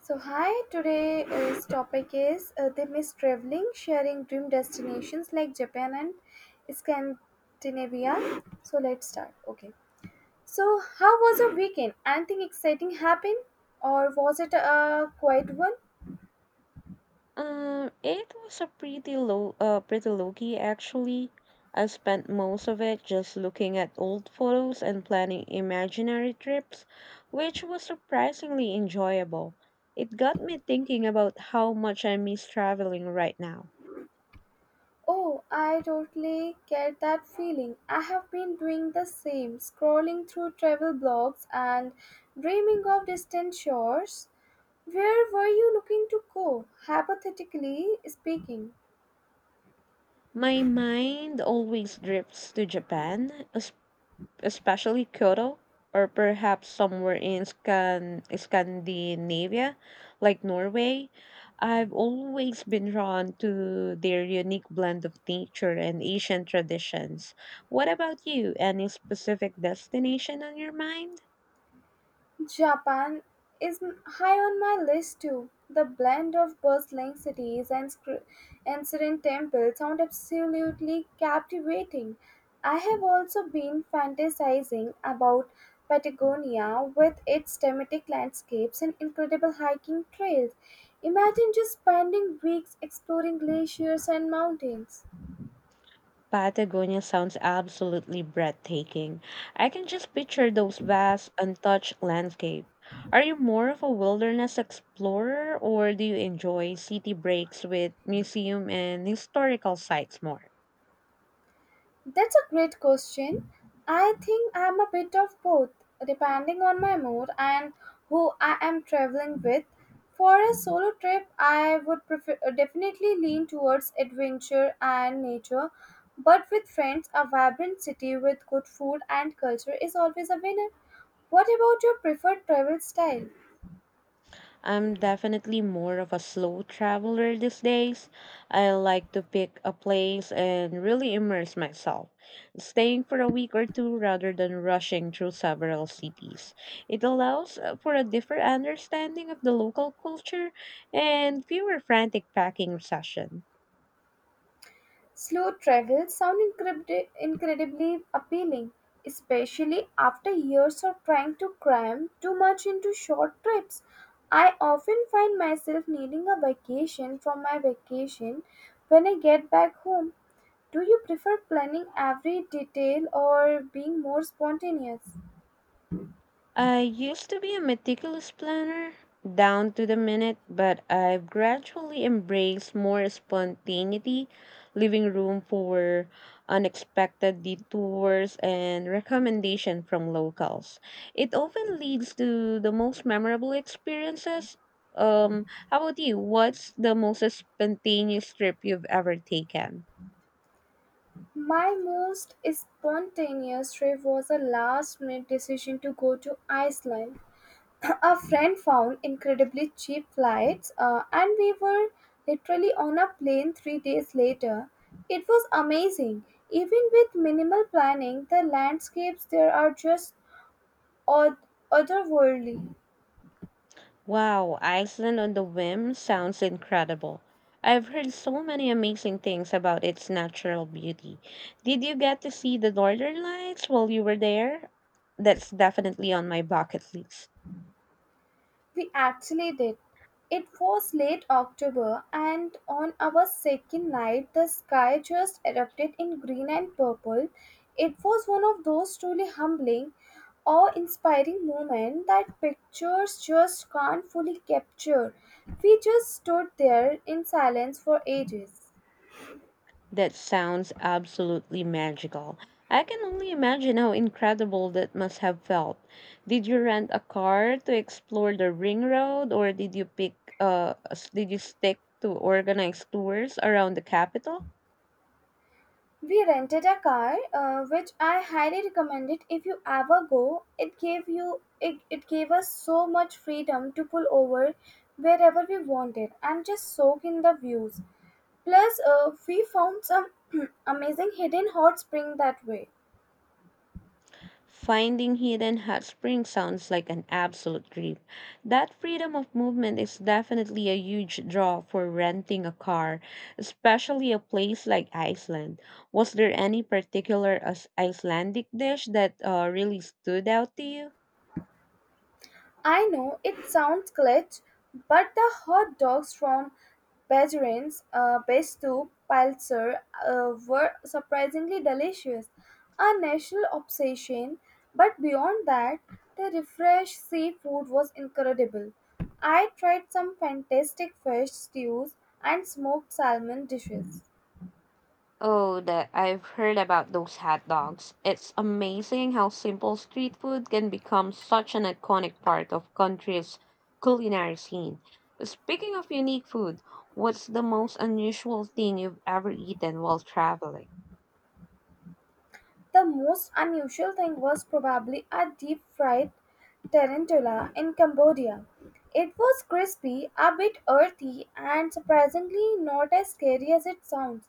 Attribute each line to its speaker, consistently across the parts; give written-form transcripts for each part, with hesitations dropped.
Speaker 1: So, hi, today's topic is they miss traveling, sharing dream destinations like Japan and Scandinavia. So, let's start. Okay. So, how was your weekend? Anything exciting happened, or was it a quiet one?
Speaker 2: It was a pretty pretty low key actually. I spent most of it just looking at old photos and planning imaginary trips, which was surprisingly enjoyable. It got me thinking about how much I miss traveling right now.
Speaker 1: Oh, I totally get that feeling. I have been doing the same, scrolling through travel blogs and dreaming of distant shores. Where were you looking to go, hypothetically speaking?
Speaker 2: My mind always drifts to Japan, especially Kyoto, or perhaps somewhere in Scandinavia, like Norway. I've always been drawn to their unique blend of nature and ancient traditions. What about you? Any specific destination on your mind?
Speaker 1: Japan high on my list too. The blend of bustling cities and serene temples sound absolutely captivating. I have also been fantasizing about Patagonia with its thematic landscapes and incredible hiking trails. Imagine just spending weeks exploring glaciers and mountains.
Speaker 2: Patagonia sounds absolutely breathtaking. I can just picture those vast, untouched landscapes. Are you more of a wilderness explorer or do you enjoy city breaks with museum and historical sites more?
Speaker 1: That's a great question. I think I'm a bit of both, depending on my mood and who I am traveling with. For a solo trip, I would prefer definitely lean towards adventure and nature, but with friends, a vibrant city with good food and culture is always a winner. What about your preferred travel style?
Speaker 2: I'm definitely more of a slow traveler these days. I like to pick a place and really immerse myself, staying for a week or two rather than rushing through several cities. It allows for a different understanding of the local culture and fewer frantic packing sessions.
Speaker 1: Slow travel sounds incredibly appealing, especially after years of trying to cram too much into short trips. I often find myself needing a vacation from my vacation when I get back home. Do you prefer planning every detail or being more spontaneous?
Speaker 2: I used to be a meticulous planner, down to the minute, but I've gradually embraced more spontaneity, leaving room for unexpected detours and recommendation from locals. It often leads to the most memorable experiences. How about you? What's the most spontaneous trip you've ever taken?
Speaker 1: My most spontaneous trip was a last minute decision to go to Iceland. A friend found incredibly cheap flights, and we were literally on a plane 3 days later. It was amazing. Even with minimal planning, the landscapes there are just oth- otherworldly.
Speaker 2: Wow, Iceland on the Whim sounds incredible. I've heard so many amazing things about its natural beauty. Did you get to see the Northern Lights while you were there? That's definitely on my bucket list.
Speaker 1: We actually did. It was late October, and on our second night, the sky just erupted in green and purple. It was one of those truly humbling, awe inspiring moments that pictures just can't fully capture. We just stood there in silence for ages.
Speaker 2: That sounds absolutely magical. I can only imagine how incredible that must have felt. Did you rent a car to explore the ring road, or did you stick to organized tours around the capital?
Speaker 1: We rented a car, which I highly recommend it if you ever go. It it gave us so much freedom to pull over wherever we wanted and just soak in the views. Plus, we found some amazing hidden hot spring that way.
Speaker 2: Finding hidden hot springs sounds like an absolute dream. That freedom of movement is definitely a huge draw for renting a car, especially a place like Iceland. Was there any particular Icelandic dish that really stood out to you?
Speaker 1: I know it sounds glitch, but the hot dogs from Bajerin's Bestu Pilser were surprisingly delicious, a national obsession. But beyond that, the refreshed seafood was incredible. I tried some fantastic fish stews and smoked salmon dishes.
Speaker 2: Oh, that, I've heard about those hot dogs. It's amazing how simple street food can become such an iconic part of country's culinary scene. Speaking of unique food, what's the most unusual thing you've ever eaten while traveling?
Speaker 1: The most unusual thing was probably a deep fried tarantula in Cambodia. It was crispy, a bit earthy, and surprisingly not as scary as it sounds,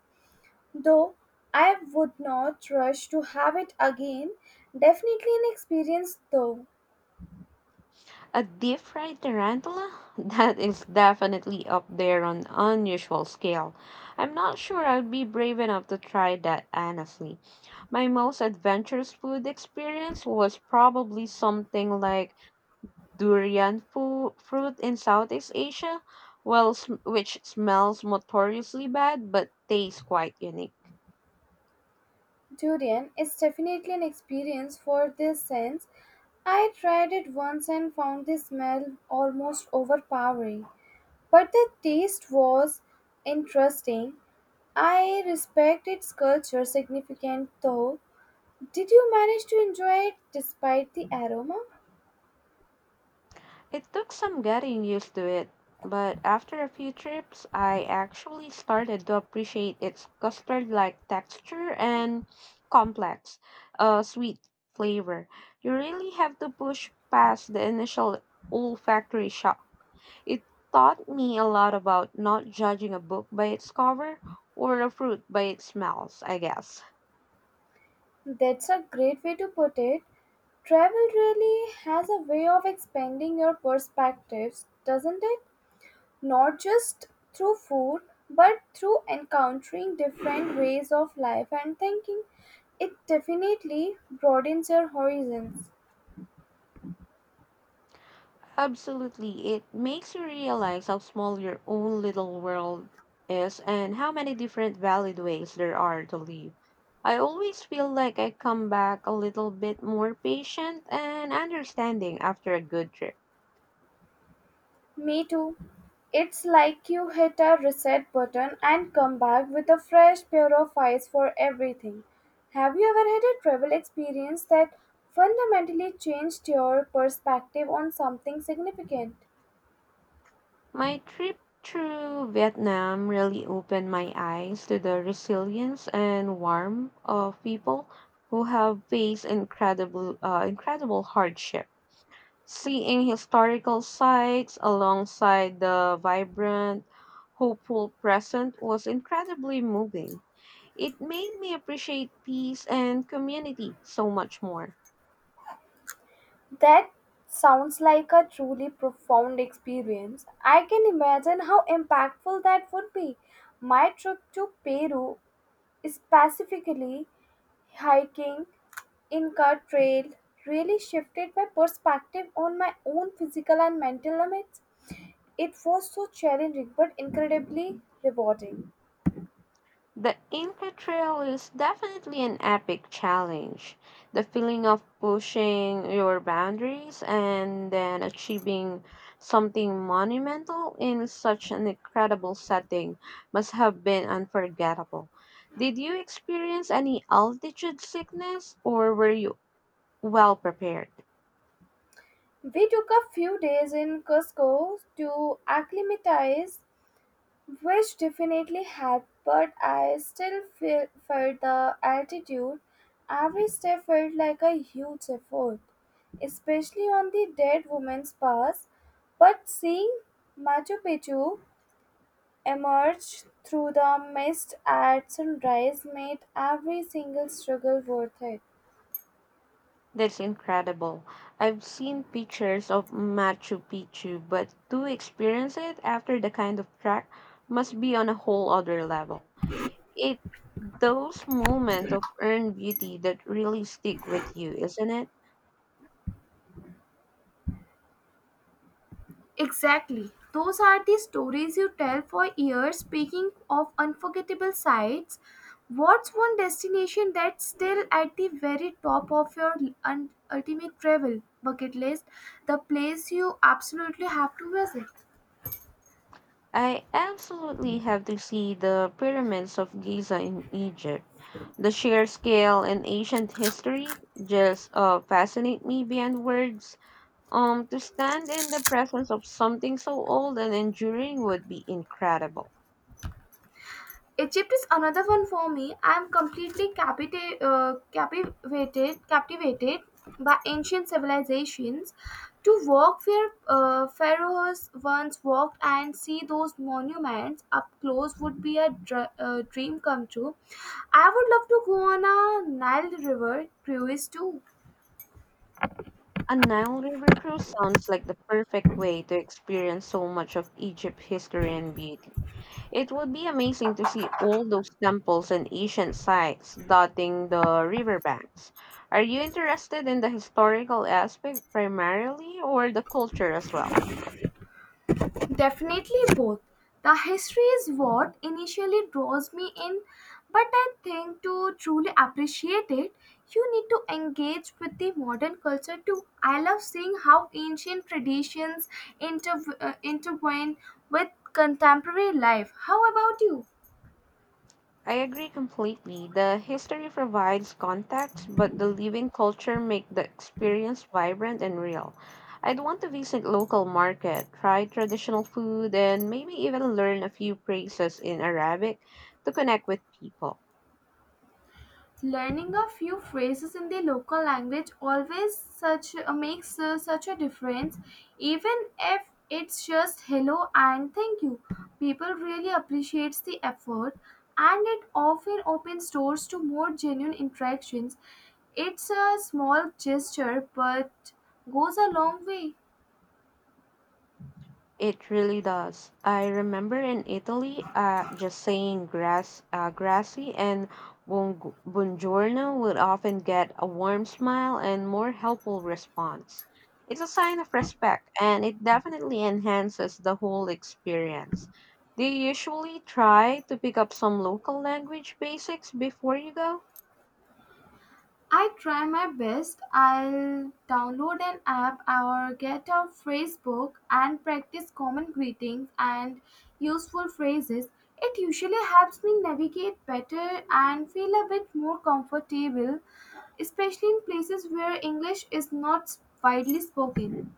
Speaker 1: though I would not rush to have it again. Definitely an experience, though.
Speaker 2: A deep fried tarantula? That is definitely up there on unusual scale. I'm not sure I'd be brave enough to try that, honestly. My most adventurous food experience was probably something like durian fruit in Southeast Asia, well, which smells notoriously bad but tastes quite unique.
Speaker 1: Durian is definitely an experience for this sense. I tried it once and found the smell almost overpowering. But the taste was interesting. I respect its culture significant though. Did you manage to enjoy it despite the aroma?
Speaker 2: It took some getting used to it, but after a few trips, I actually started to appreciate its custard like texture and complex, sweet flavor. You really have to push past the initial olfactory shock. It taught me a lot about not judging a book by its cover, or a fruit by its smells, I guess.
Speaker 1: That's a great way to put it. Travel really has a way of expanding your perspectives, doesn't it? Not just through food, but through encountering different ways of life and thinking. It definitely broadens your horizons.
Speaker 2: Absolutely. It makes you realize how small your own little world is and how many different valid ways there are to live. I always feel like I come back a little bit more patient and understanding after a good trip.
Speaker 1: Me too. It's like you hit a reset button and come back with a fresh pair of eyes for everything. Have you ever had a travel experience that fundamentally changed your perspective on something significant?
Speaker 2: My trip through Vietnam really opened my eyes to the resilience and warmth of people who have faced incredible hardship. Seeing historical sites alongside the vibrant, hopeful present was incredibly moving. It made me appreciate peace and community so much more.
Speaker 1: That sounds like a truly profound experience. I can imagine how impactful that would be. My trip to Peru, specifically hiking in Car Trail, really shifted my perspective on my own physical and mental limits. It was so challenging but incredibly rewarding.
Speaker 2: The Inca Trail is definitely an epic challenge. The feeling of pushing your boundaries and then achieving something monumental in such an incredible setting must have been unforgettable. Did you experience any altitude sickness, or were you well prepared?
Speaker 1: We took a few days in Cusco to acclimatize, which definitely helped, but I still felt the altitude. Every step felt like a huge effort, especially on the dead woman's pass. But seeing Machu Picchu emerged through the mist at sunrise made every single struggle worth it.
Speaker 2: That's incredible. I've seen pictures of Machu Picchu, but to experience it after the kind of track must be on a whole other level. It those moments of earned beauty that really stick with you, isn't it?
Speaker 1: Exactly. Those are the stories you tell for years. Speaking of unforgettable sights, what's one destination that's still at the very top of your ultimate travel bucket list? The place you absolutely have to visit.
Speaker 2: I absolutely have to see the pyramids of Giza in Egypt. The sheer scale and ancient history just fascinate me beyond words. To stand in the presence of something so old and enduring would be incredible.
Speaker 1: Egypt is another one for me. I am completely captivated by ancient civilizations. To walk where pharaohs once walked and see those monuments up close would be a dream come true. I would love to go on a Nile River cruise too.
Speaker 2: A Nile River cruise sounds like the perfect way to experience so much of Egypt's history and beauty. It would be amazing to see all those temples and ancient sites dotting the riverbanks. Are you interested in the historical aspect primarily, or the culture as well?
Speaker 1: Definitely both. The history is what initially draws me in, but I think to truly appreciate it, you need to engage with the modern culture too. I love seeing how ancient traditions intertwine with contemporary life. How about you?
Speaker 2: I agree completely. The history provides context, but the living culture make the experience vibrant and real. I'd want to visit local market, try traditional food, and maybe even learn a few phrases in Arabic to connect with people.
Speaker 1: Learning a few phrases in the local language always such makes such a difference, even if it's just hello and thank you. People really appreciates the effort, and it often opens doors to more genuine interactions. It's a small gesture, but goes a long way.
Speaker 2: It really does. I remember in Italy, just saying grassy and buongiorno would often get a warm smile and more helpful response. It's a sign of respect, and it definitely enhances the whole experience. Do you usually try to pick up some local language basics before you go?
Speaker 1: I try my best. I'll download an app or get a phrase book and practice common greetings and useful phrases. It usually helps me navigate better and feel a bit more comfortable, especially in places where English is not widely spoken.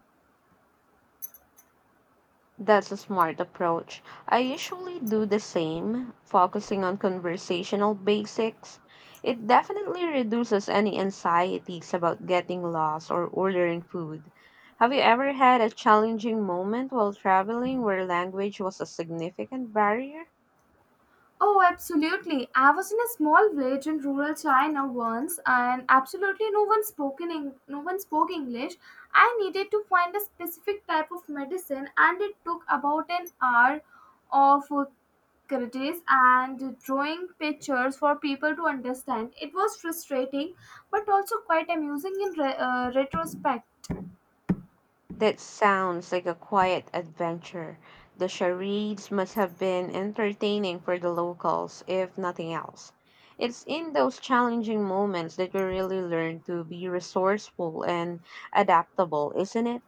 Speaker 2: That's a smart approach. I usually do the same, focusing on conversational basics. It definitely reduces any anxieties about getting lost or ordering food. Have you ever had a challenging moment while traveling where language was a significant barrier?
Speaker 1: Oh, absolutely. I was in a small village in rural China once and absolutely no one spoke in Eng- no one spoke English. I needed to find a specific type of medicine and it took about an hour of critics and drawing pictures for people to understand. It was frustrating but also quite amusing in retrospect.
Speaker 2: That sounds like a quiet adventure. The charades must have been entertaining for the locals, if nothing else. It's in those challenging moments that we really learn to be resourceful and adaptable, isn't it?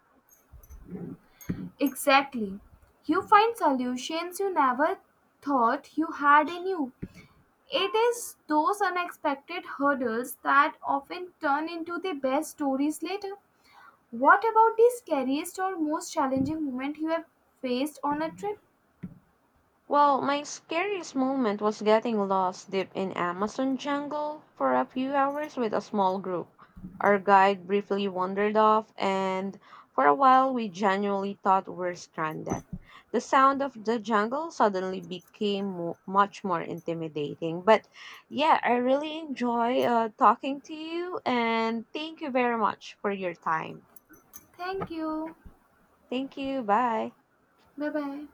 Speaker 1: Exactly. You find solutions you never thought you had in you. It is those unexpected hurdles that often turn into the best stories later. What about the scariest or most challenging moment you have faced on a trip?
Speaker 2: Well, my scariest moment was getting lost deep in Amazon jungle for a few hours with a small group. Our guide briefly wandered off, and for a while we genuinely thought we were stranded. The sound of the jungle suddenly became much more intimidating. But yeah, I really enjoy talking to you, and thank you very much for your time.
Speaker 1: Thank you.
Speaker 2: Thank you. Bye.
Speaker 1: Bye bye.